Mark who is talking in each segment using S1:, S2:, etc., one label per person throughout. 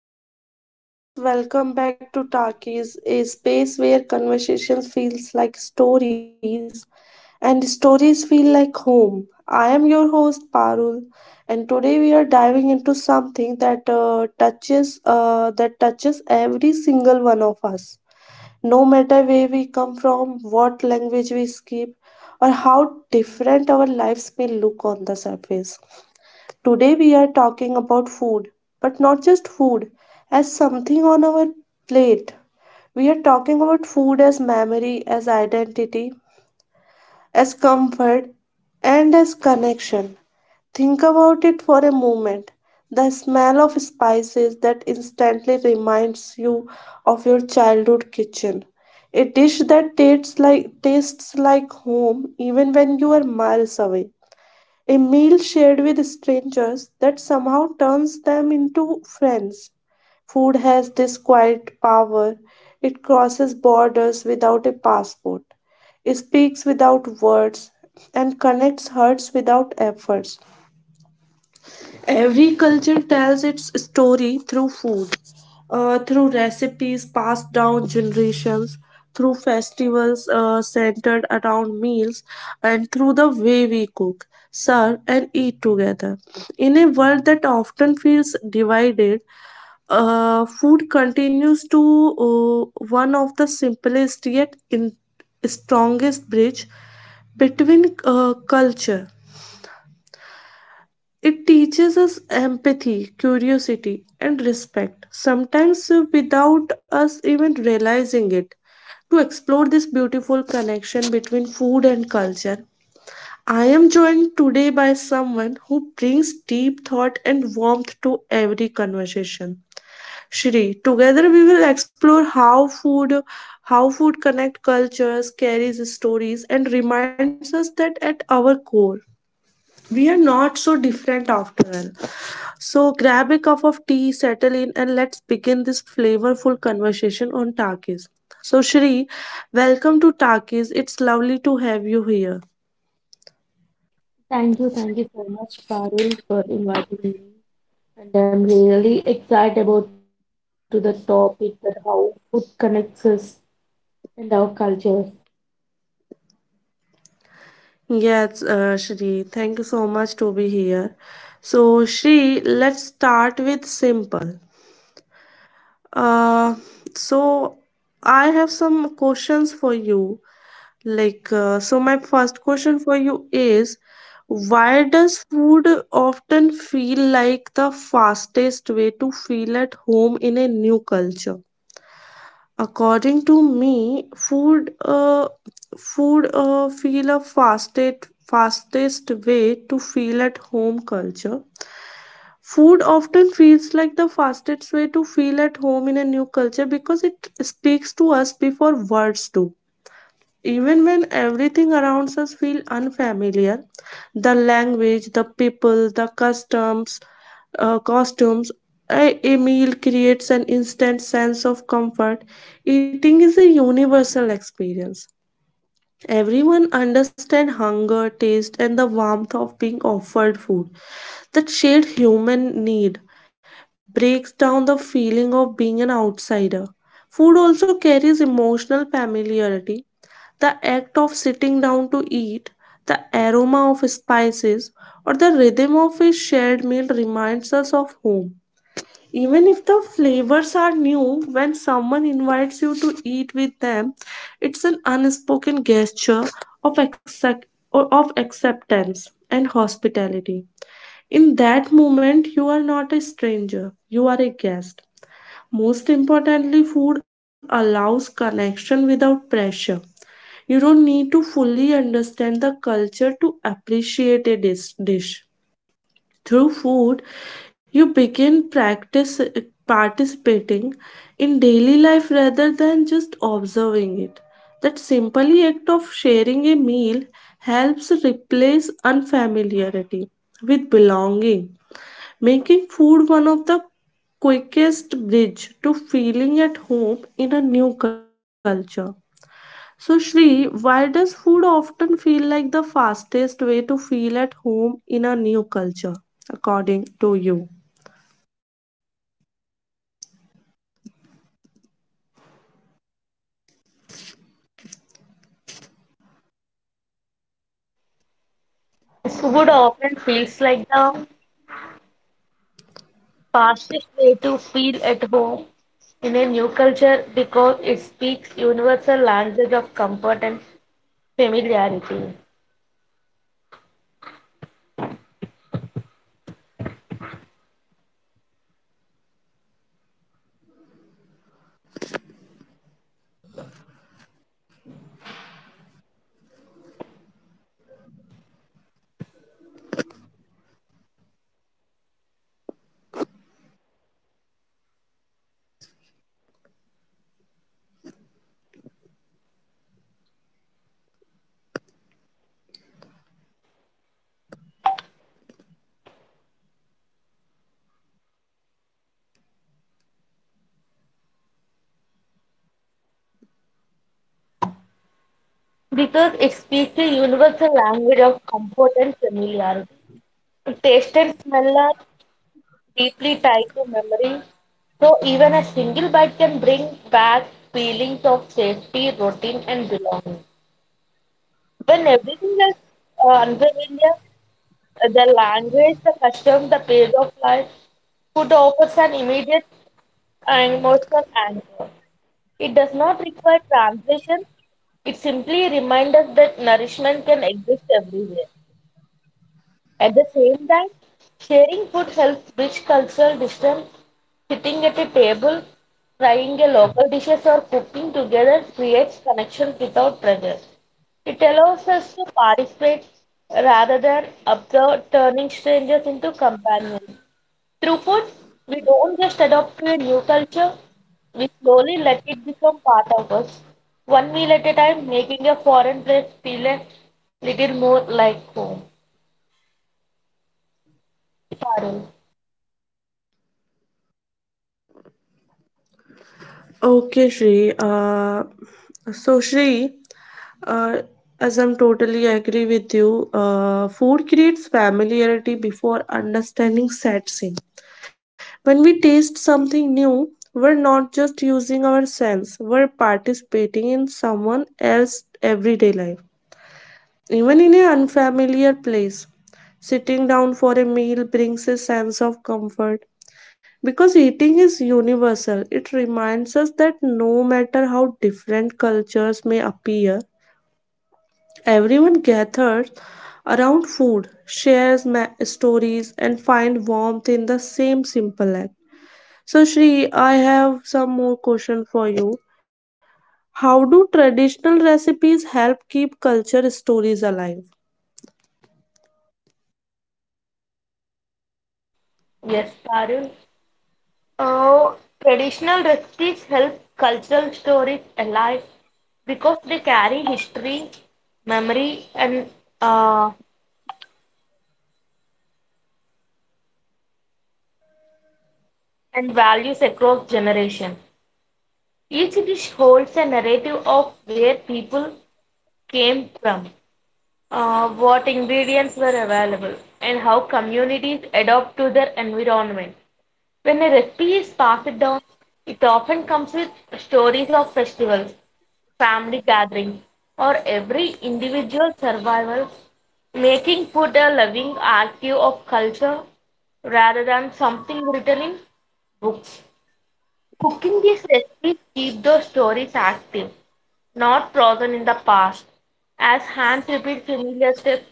S1: Hello, beautiful souls. Welcome back to Talkies, a space where conversations feels like stories and stories feel like home. I am your host Parul, and today we are diving into something that touches that touches every single one of us. No matter where we come from, what language we skip, or how different our lives may look on the surface. Today we are talking about food, but not just food as something on our plate. We are talking about food as memory, as identity, as comfort, and as connection. Think about it for a moment. The smell of spices that instantly reminds you of your childhood kitchen. A dish that tastes like home even when you are miles away. A meal shared with strangers that somehow turns them into friends. Food has this quiet power. It crosses borders without a passport, speaks without words, and connects hearts without efforts. Every culture tells its story through food, through recipes passed down generations, through festivals centered around meals, and through the way we cook, serve, and eat together. In a world that often feels divided, food continues to one of the simplest yet in strongest bridge between culture it teaches us empathy, curiosity, and respect, sometimes without us even realizing it. To explore this beautiful connection between food and culture, I am joined today by someone who brings deep thought and warmth to every conversation. Shri, together we will explore how food connect cultures, carries stories and reminds us that at our core we are not so different after all. So grab a cup of tea, settle in, and let's begin this flavorful conversation on Takis. So Shri, welcome to Takis. It's lovely to have you here.
S2: Thank you so much, Parul, for inviting me. And I'm really excited about to the topic that how food connects us and our cultures.
S1: Yes, Shri, thank you so much to be here. So Shri, let's start with simple. Uh, so I have some questions for you. So my first question for you is, why does food often feel like the fastest way to feel at home in a new culture? According to me, food feel a fastest way to feel at home culture. Food often feels like the fastest way to feel at home in a new culture because it speaks to us before words do even when everything around us feels unfamiliar, the language, the people, the customs, costumes, a meal creates an instant sense of comfort. Eating is a universal experience. Everyone understands hunger, taste, and the warmth of being offered food. That shared human need breaks down the feeling of being an outsider. Food also carries emotional familiarity the act of sitting down to eat, the aroma of spices, or the rhythm of a shared meal reminds us of home. Even if the flavors are new, when someone invites you to eat with them, it's an unspoken gesture of, accept- or of acceptance and hospitality. In that moment, you are not a stranger, you are a guest. Most importantly, food allows connection without pressure. You don't need to fully understand the culture to appreciate dish. Through food, you begin practice participating in daily life rather than just observing it. That simple act of sharing a meal helps replace unfamiliarity with belonging, making food one of the quickest bridge to feeling at home in a new culture. So, Shri, why does food often feel like the fastest way to feel at home in a new culture, according to you?
S2: Food often feels like the fastest way to feel at home in a new culture because it speaks universal language of comfort and familiarity. Because it speaks the universal language of comfort and familiarity. Taste and smell are deeply tied to memory, so even a single bite can bring back feelings of safety, routine, and belonging. When everything is unfamiliar, the language, the customs, the pace of life, food offers an immediate and emotional anchor. It does not require translation. It simply reminds us that nourishment can exist everywhere. At the same time, sharing food helps bridge cultural distance. Sitting at a table, trying a local dishes or cooking together creates connection without pressure. It allows us to participate rather than observe, turning strangers into companions. Through food, we don't just adopt to a new culture, we slowly let it become part of us, one meal at a time, making a foreign place feel a little more like home. Parul.
S1: Okay, Shri. So, Shri, uh, as I'm totally agree with you, food creates familiarity before understanding sets in. When we taste something new, we're not just using our sense, we're participating in someone else's everyday life. Even in an unfamiliar place, sitting down for a meal brings a sense of comfort. Because eating is universal, it reminds us that no matter how different cultures may appear, everyone gathers around food, stories, and find warmth in the same simple act. So, Shri, I have some more question for you. How do traditional recipes help keep culture stories alive?
S2: Yes, Parul. Uh, Traditional recipes help cultural stories alive because they carry history, memory, uh, and values across generations. Each dish holds a narrative of where people came from, what ingredients were available, and how communities adapt to their environment. When a recipe is passed down, it often comes with stories of festivals, family gatherings, or every individual survival, making food a living archive of culture rather than something written in books. Cooking these recipes keep those stories active, not frozen in the past. As hands repeat familiar steps,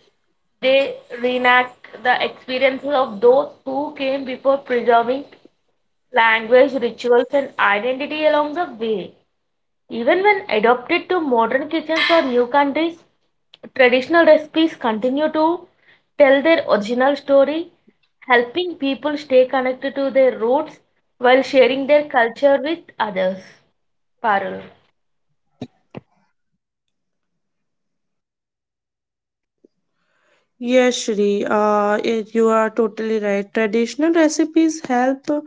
S2: they reenact the experiences of those who came before preserving language, rituals, and identity along the way. Even when adopted to modern kitchens or new countries, traditional recipes continue to tell their original story, helping people stay connected to their roots while sharing their culture with others. Parul.
S1: Yes, Shri, you are totally right. Traditional recipes help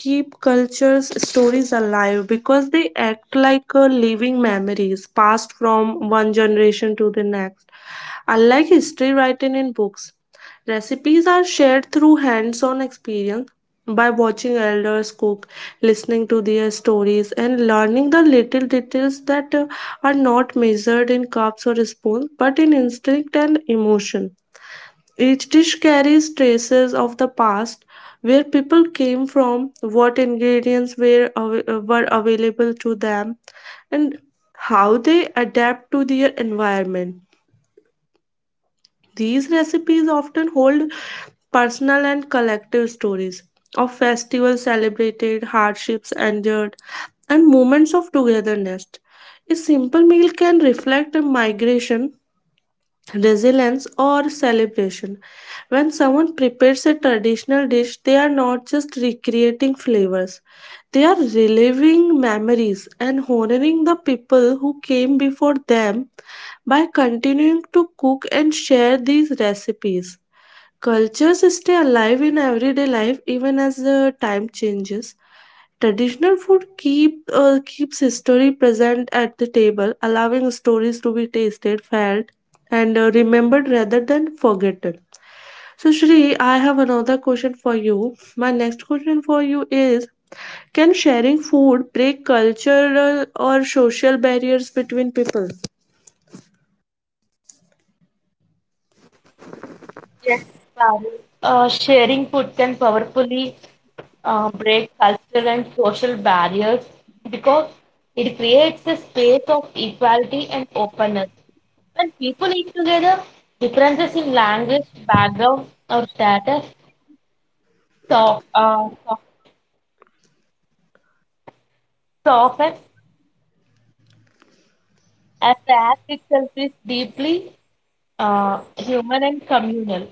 S1: keep cultures' stories alive because they act like living memories passed from one generation to the next. Unlike history written in books, recipes are shared through hands on experience by watching elders cook, listening to their stories, and learning the little details that are not measured in cups or spoons but in instinct and emotion. Each dish carries traces of the past, where people came from, what ingredients were available to them, and how they adapt to their environment. These recipes often hold personal and collective stories of festivals celebrated, hardships endured, and moments of togetherness. A simple meal can reflect a migration resilience or celebration when someone prepares a traditional dish they are not just recreating flavors they are reliving memories and honoring the people who came before them by continuing to cook and share these recipes Cultures stay alive in everyday life even as the time changes. Traditional food keeps history present at the table, allowing stories to be tasted, felt, and remembered rather than forgotten. So, Shri, I have another question for you. My next question for you is: Can sharing food break cultural or social barriers between people?
S2: Yes, Parul. Sharing food can powerfully break cultural and social barriers because it creates a space of equality and openness. When people eat together, differences in language, background, or status soft, uh, soft, soften as the act itself is deeply human and communal.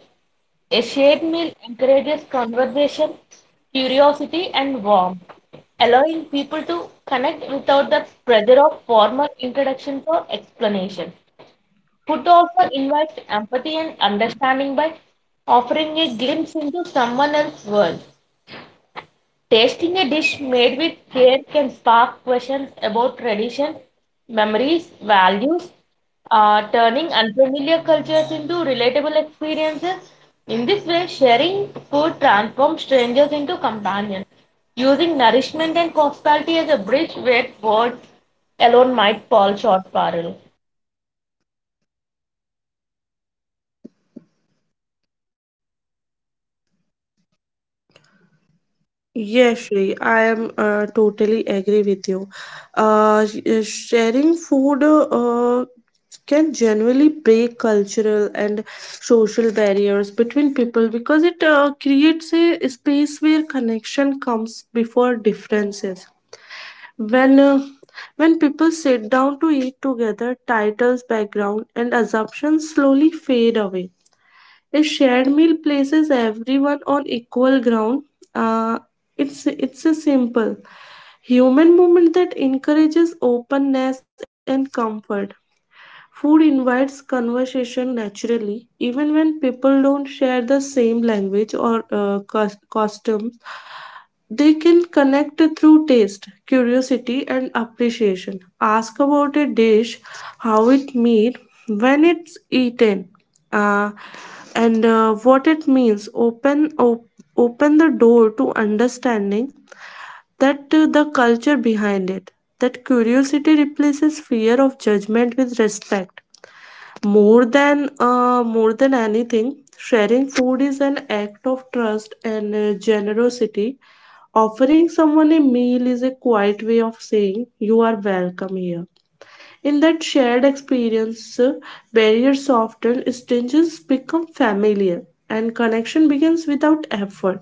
S2: A shared meal encourages conversation, curiosity, and warmth, allowing people to connect without the pressure of formal introductions or explanation. Food also invites empathy and understanding by offering a glimpse into someone else's world. Tasting a dish made with care can spark questions about tradition, memories, values, turning unfamiliar cultures into relatable experiences. In this way, sharing food transforms strangers into companions, using nourishment and hospitality as a bridge where words alone might fall short, Parul.
S1: Yes, Shri, I am totally agree with you. Sharing food can generally break cultural and social barriers between people because it creates a space where connection comes before differences. When uh, when people sit down to eat together, titles, background, and assumptions slowly fade away. A shared meal places everyone on equal ground. Uh, it's a simple human movement that encourages openness and comfort. Food invites conversation naturally, even when people don't share the same language or customs. They can connect through taste, curiosity, and appreciation. Ask about a dish, how it made, when it's eaten, uh, and what it means. Open the door to understanding that the culture behind it. That curiosity replaces fear of judgment with respect. More than anything, sharing food is an act of trust and generosity. Offering someone a meal is a quiet way of saying you are welcome here. In that shared experience, barriers often exchanges become familiar and connection begins without effort.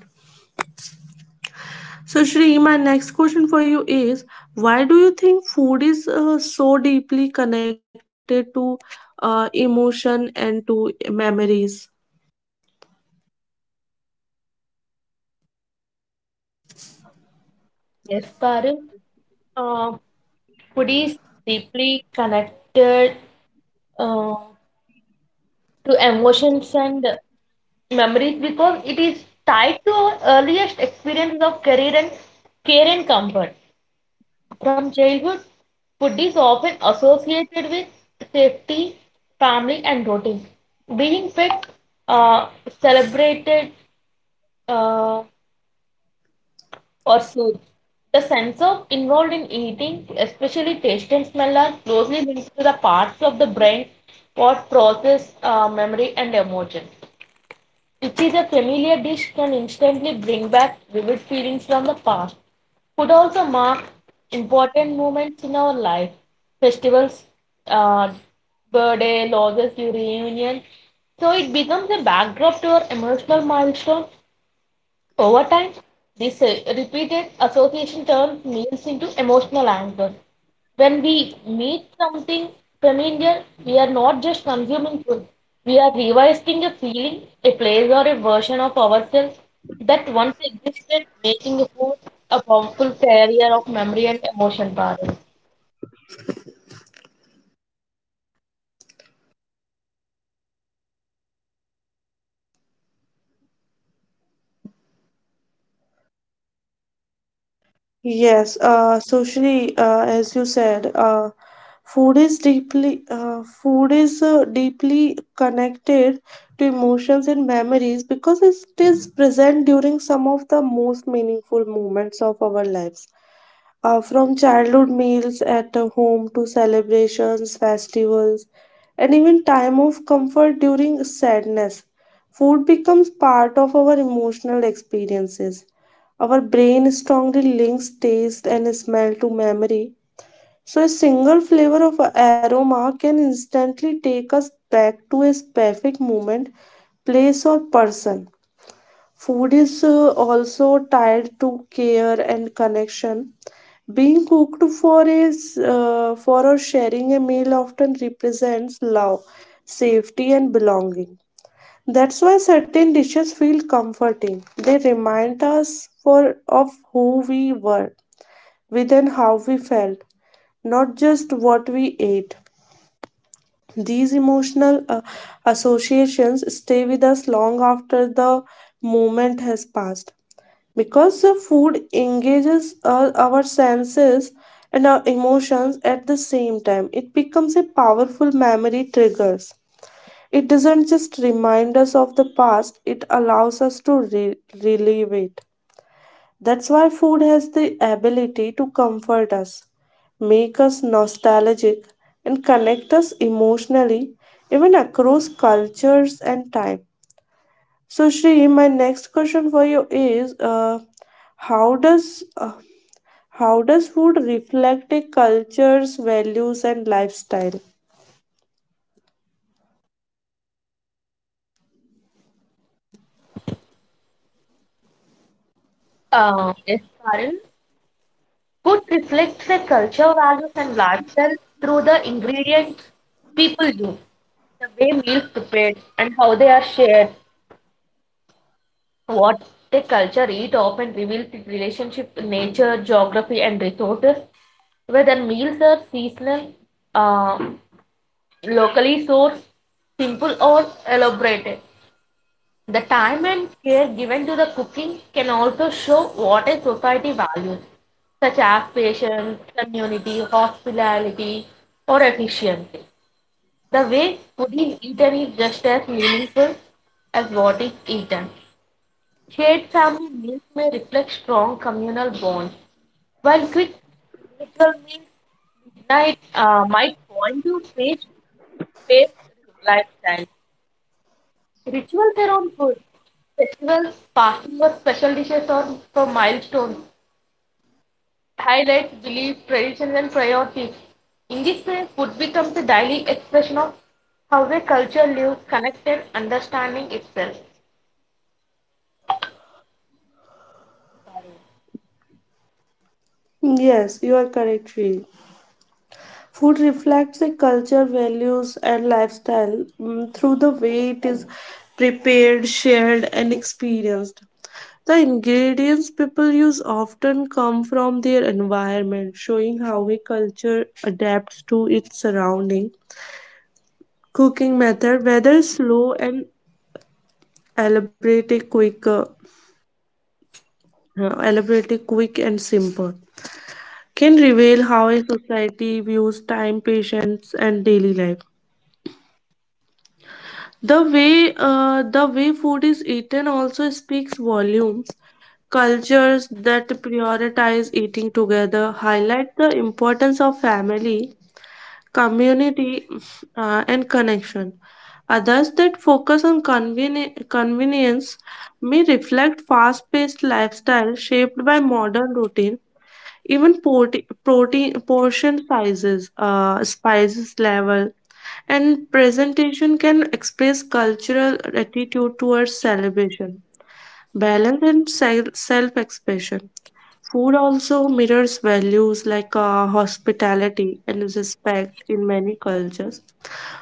S1: So, Shri, my next question for you is why do you think food is so deeply connected to emotion and to memories?
S2: Yes, Parul. Uh, Food is deeply connected uh, to emotions and memories because it is tied to our earliest experiences of career and care and comfort. From childhood, food is often associated with safety, family, and routine. Being fed, uh, celebrated, uh, or soothed. The sense of involved in eating, especially taste and smell, are closely linked to the parts of the brain what process memory and emotion. Which is a familiar dish, can instantly bring back vivid feelings from the past. Food also mark important moments in our life, festivals, uh, birthday, losses, reunion. So it becomes a backdrop to our emotional milestone over time, this repeated association turns meals into emotional anchor. When we meet something familiar, we are not just consuming food, we are revisiting a feeling, a place, or a version of ourselves that once existed, making food a powerful carrier of memory and emotion patterns.
S1: Yes, socially, as you said, food is deeply connected to emotions and memories because it is present during some of the most meaningful moments of our lives. From childhood meals at the home to celebrations, festivals, and even time of comfort during sadness, food becomes part of our emotional experiences our brain strongly links taste and smell to memory, so a single flavor of aroma can instantly take us back to a specific moment, place, or person. Food is also tied to care and connection. Being cooked for is for or sharing a meal often represents love, safety, and belonging. That's why certain dishes feel comforting. They remind us for of who we were, with and how we felt, not just what we ate. These emotional associations stay with us long after the moment has passed, because the food engages our senses and our emotions at the same time. It becomes a powerful memory triggers. It doesn't just remind us of the past, it allows us to relive it. That's why food has the ability to comfort us, make us nostalgic, and connect us emotionally, even across cultures and time. So, Shri, my next question for you is how does uh, how does food reflect a culture's values and lifestyle?
S2: Yes, Karan. Food reflects a culture, values, and lifestyle through the ingredients people use. The way meals how they are shared, what a culture eat often reveals its relationship to nature, geography, and resources. Whether meals are seasonal, uh, locally sourced, simple, or elaborated. The time and care given to the cooking can also show what a society values, such as patience, community, hospitality, or efficiency. The way food is eaten is just as meaningful as what is eaten. Shared family meals may reflect strong communal bonds, while quick individual meals night might point to faith-based lifestyle. Rituals around food, festivals, fasting, or special dishes, or for milestones highlight belief, traditions, and priorities. In this way, food becomes a daily expression of how a culture lives, connected, understanding itself.
S1: Yes, you are correct, Shri. Food reflects a culture, values, and lifestyle through the way it is prepared, shared, and experienced. The ingredients people use often come from their environment, showing how a culture adapts to its surrounding. Cooking method, whether slow and elaborate, quick, uh, elaborate, quick and simple, can reveal how a society views time, patience, and daily life. The way food is eaten also speaks volumes. Cultures that prioritize eating together highlight the importance of family, community, and connection. Others that focus on convenience may reflect fast-paced lifestyle shaped by modern routine. Even protein portion sizes, spices level, and presentation can express cultural attitude towards celebration, balance, and self expression. Food also mirrors values like hospitality and respect in many cultures.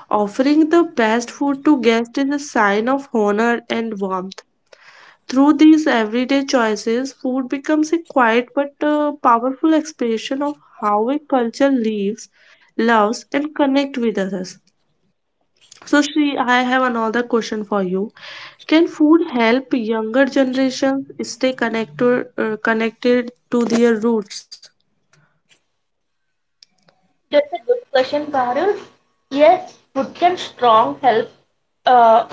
S1: Offering the best food to guests is a sign of honor and warmth. Through these everyday choices, food becomes a quiet but powerful expression of how a culture lives, loves, and connects with others. So, Shri, I have another question for you. Can food help younger generations stay connected to their roots?
S2: That's a good question, Parul. Yes, food can strong help, uh,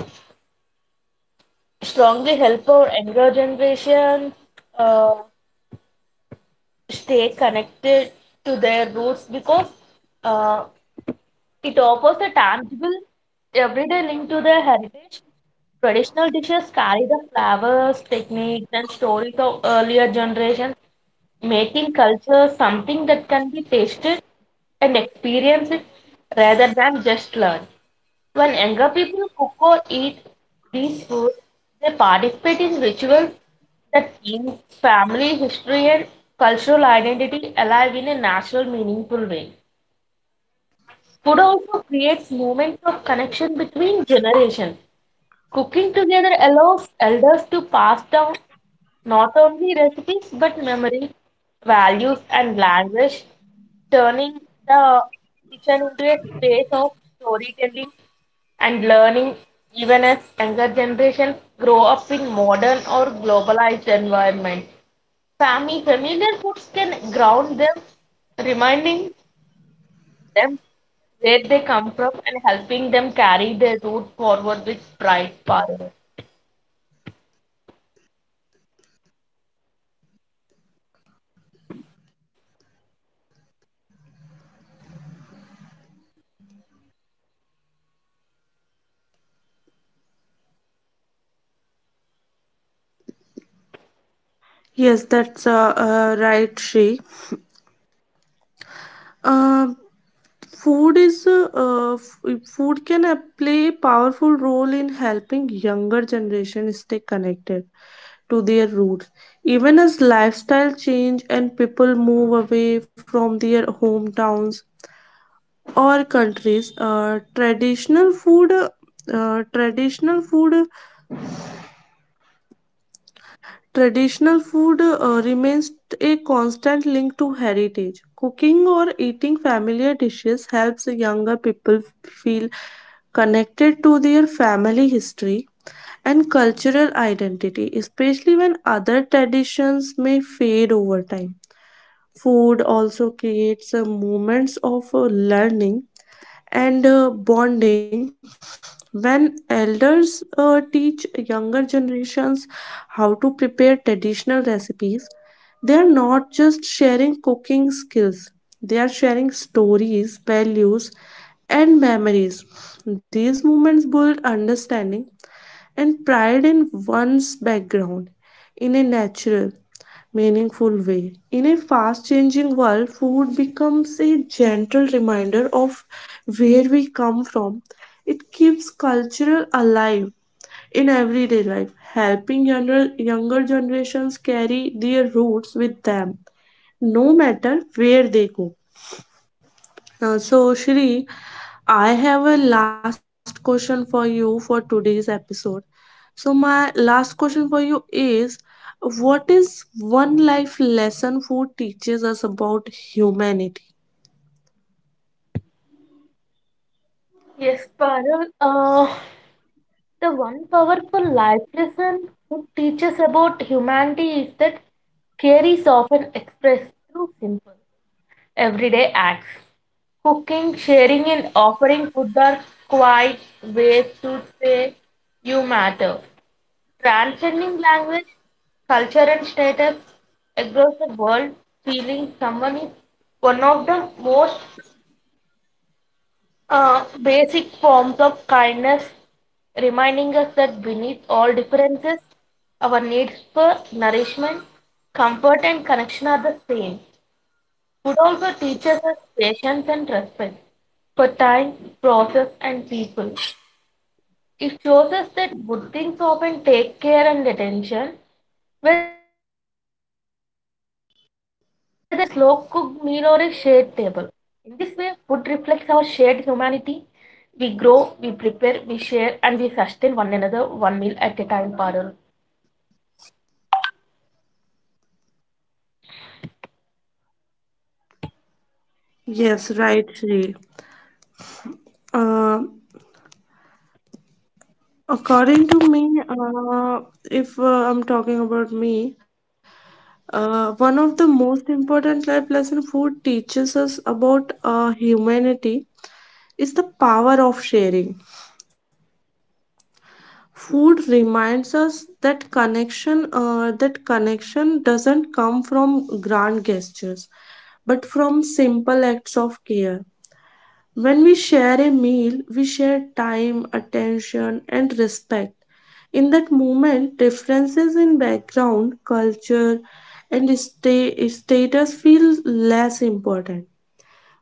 S2: strongly help our younger generation uh, stay connected to their roots because uh, it offers a tangible everyday link to their heritage. Traditional dishes carry the flavors, techniques, and stories of earlier generations, making culture something that can be tasted and experienced rather than just learned. When younger people cook or eat these foods, they participate in rituals that keep family history and cultural identity alive in a natural, meaningful way. Food also creates moments of connection between generations. Cooking together allows elders to pass down not only recipes but memory, values, and language, turning the kitchen into a space of storytelling and learning even as younger generations grow up in modern or globalized environments. Family familiar foods can ground them, reminding them where they come from and helping them carry their root forward with pride. Parul.
S1: Yes, that's right, Shri. Uh, food is food can play a powerful role in helping younger generation stay connected to their roots. Even as lifestyle change and people move away from their hometowns, or countries uh, traditional food traditional food remains a constant link to heritage. Cooking or eating familiar dishes helps younger people feel connected to their family history and cultural identity, especially when other traditions may fade over time. Food also creates moments of learning and bonding. When elders teach younger generations how to prepare traditional recipes, they are not just sharing cooking skills, they are sharing stories, values, and memories. These moments build understanding and pride in one's background in a natural, meaningful way. In a fast changing world, food becomes a gentle reminder of where we come from. It keeps cultural alive in everyday life, helping younger generations carry their roots with them, no matter where they go. So, Shri, I have a last question for you for today's episode. So, my last question for you is, what is one life lesson food teaches us about humanity?
S2: Yes, Parul. The one powerful life lesson it teaches about humanity is that care is often expressed through simple, everyday acts. Cooking, sharing, and offering food are quite ways to say you matter. Transcending language, culture, and status across the world, feeling someone is one of the most basic forms of kindness, reminding us that beneath all differences, our needs for nourishment, comfort, and connection are the same. Food also teaches us patience and respect for time, process, and people. It shows us that good things often take care and attention, whether it's a slow cooked meal or a shared table. In this way, food reflects our shared humanity. We grow, we prepare, we share, and we sustain one another one meal at a time, Parul.
S1: Yes, right, Shri. Uh, according to me, if I'm talking about me, one of the most important life lesson food teaches us about humanity is the power of sharing. Food reminds us that connection doesn't come from grand gestures, but from simple acts of care. When we share a meal, we share time, attention, and respect. In that moment, differences in background, culture, and status feel less important.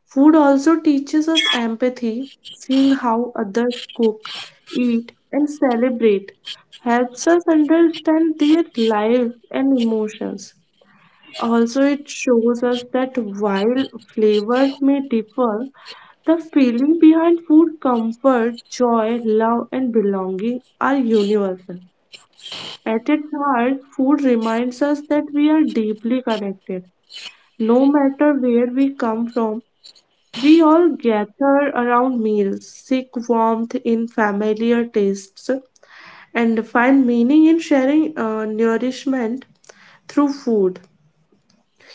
S1: Food also teaches us empathy. Seeing how others cook, eat, and celebrate helps us understand their lives and emotions. Also, it shows us that while flavors may differ, the feeling behind food, comfort, joy, love, and belonging, are universal. At its heart, food reminds us that we are deeply connected. No matter where we come from, we all gather around meals, seek warmth in familiar tastes, and find meaning in sharing nourishment through food.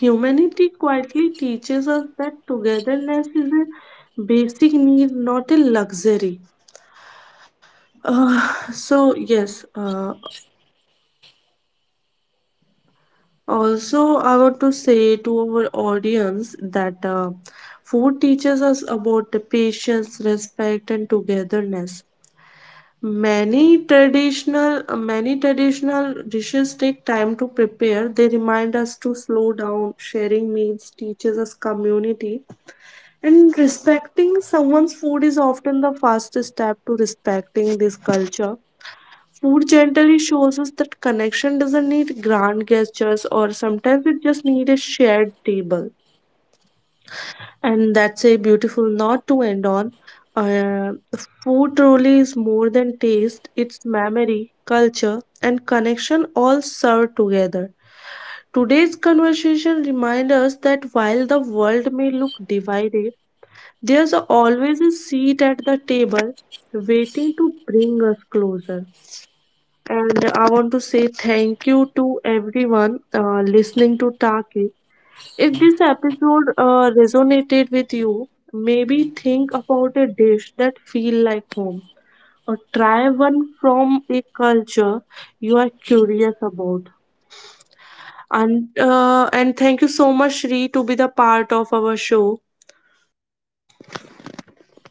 S1: Humanity quietly teaches us that togetherness is a basic need, not a luxury. So, yes, also, I want to say to our audience that food teaches us about the patience, respect, and togetherness. Many traditional dishes take time to prepare. They remind us to slow down. Sharing meals teaches us community, and respecting someone's food is often the fastest step to respecting this culture. Food gently shows us that connection doesn't need grand gestures, or sometimes it just needs a shared table. And that's a beautiful note to end on. Uh, food truly is more than taste, it's memory, culture, and connection all served together. Today's conversation reminds us that while the world may look divided, there's always a seat at the table waiting to bring us closer. And I want to say thank you to everyone listening to Taki. If this episode resonated with you, maybe think about a dish that feel like home or try one from a culture you are curious about. And thank you so much, Shri, to be the part of our show.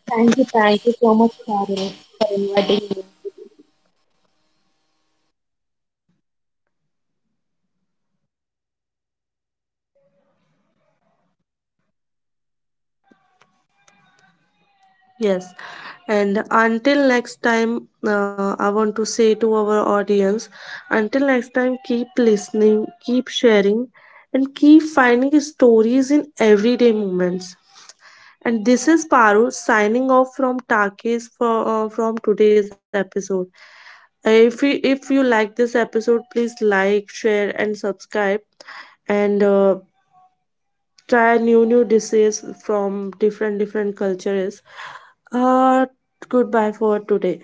S2: Thank you so much, Parul. You are
S1: Yes, and until next time, I want to say to our audience, until next time, keep listening, keep sharing, and keep finding stories in everyday moments. And this is Paru signing off from Takis for from today's episode. If you like this episode, please like, share, and subscribe. And try new dishes from different cultures. Uh, goodbye for today.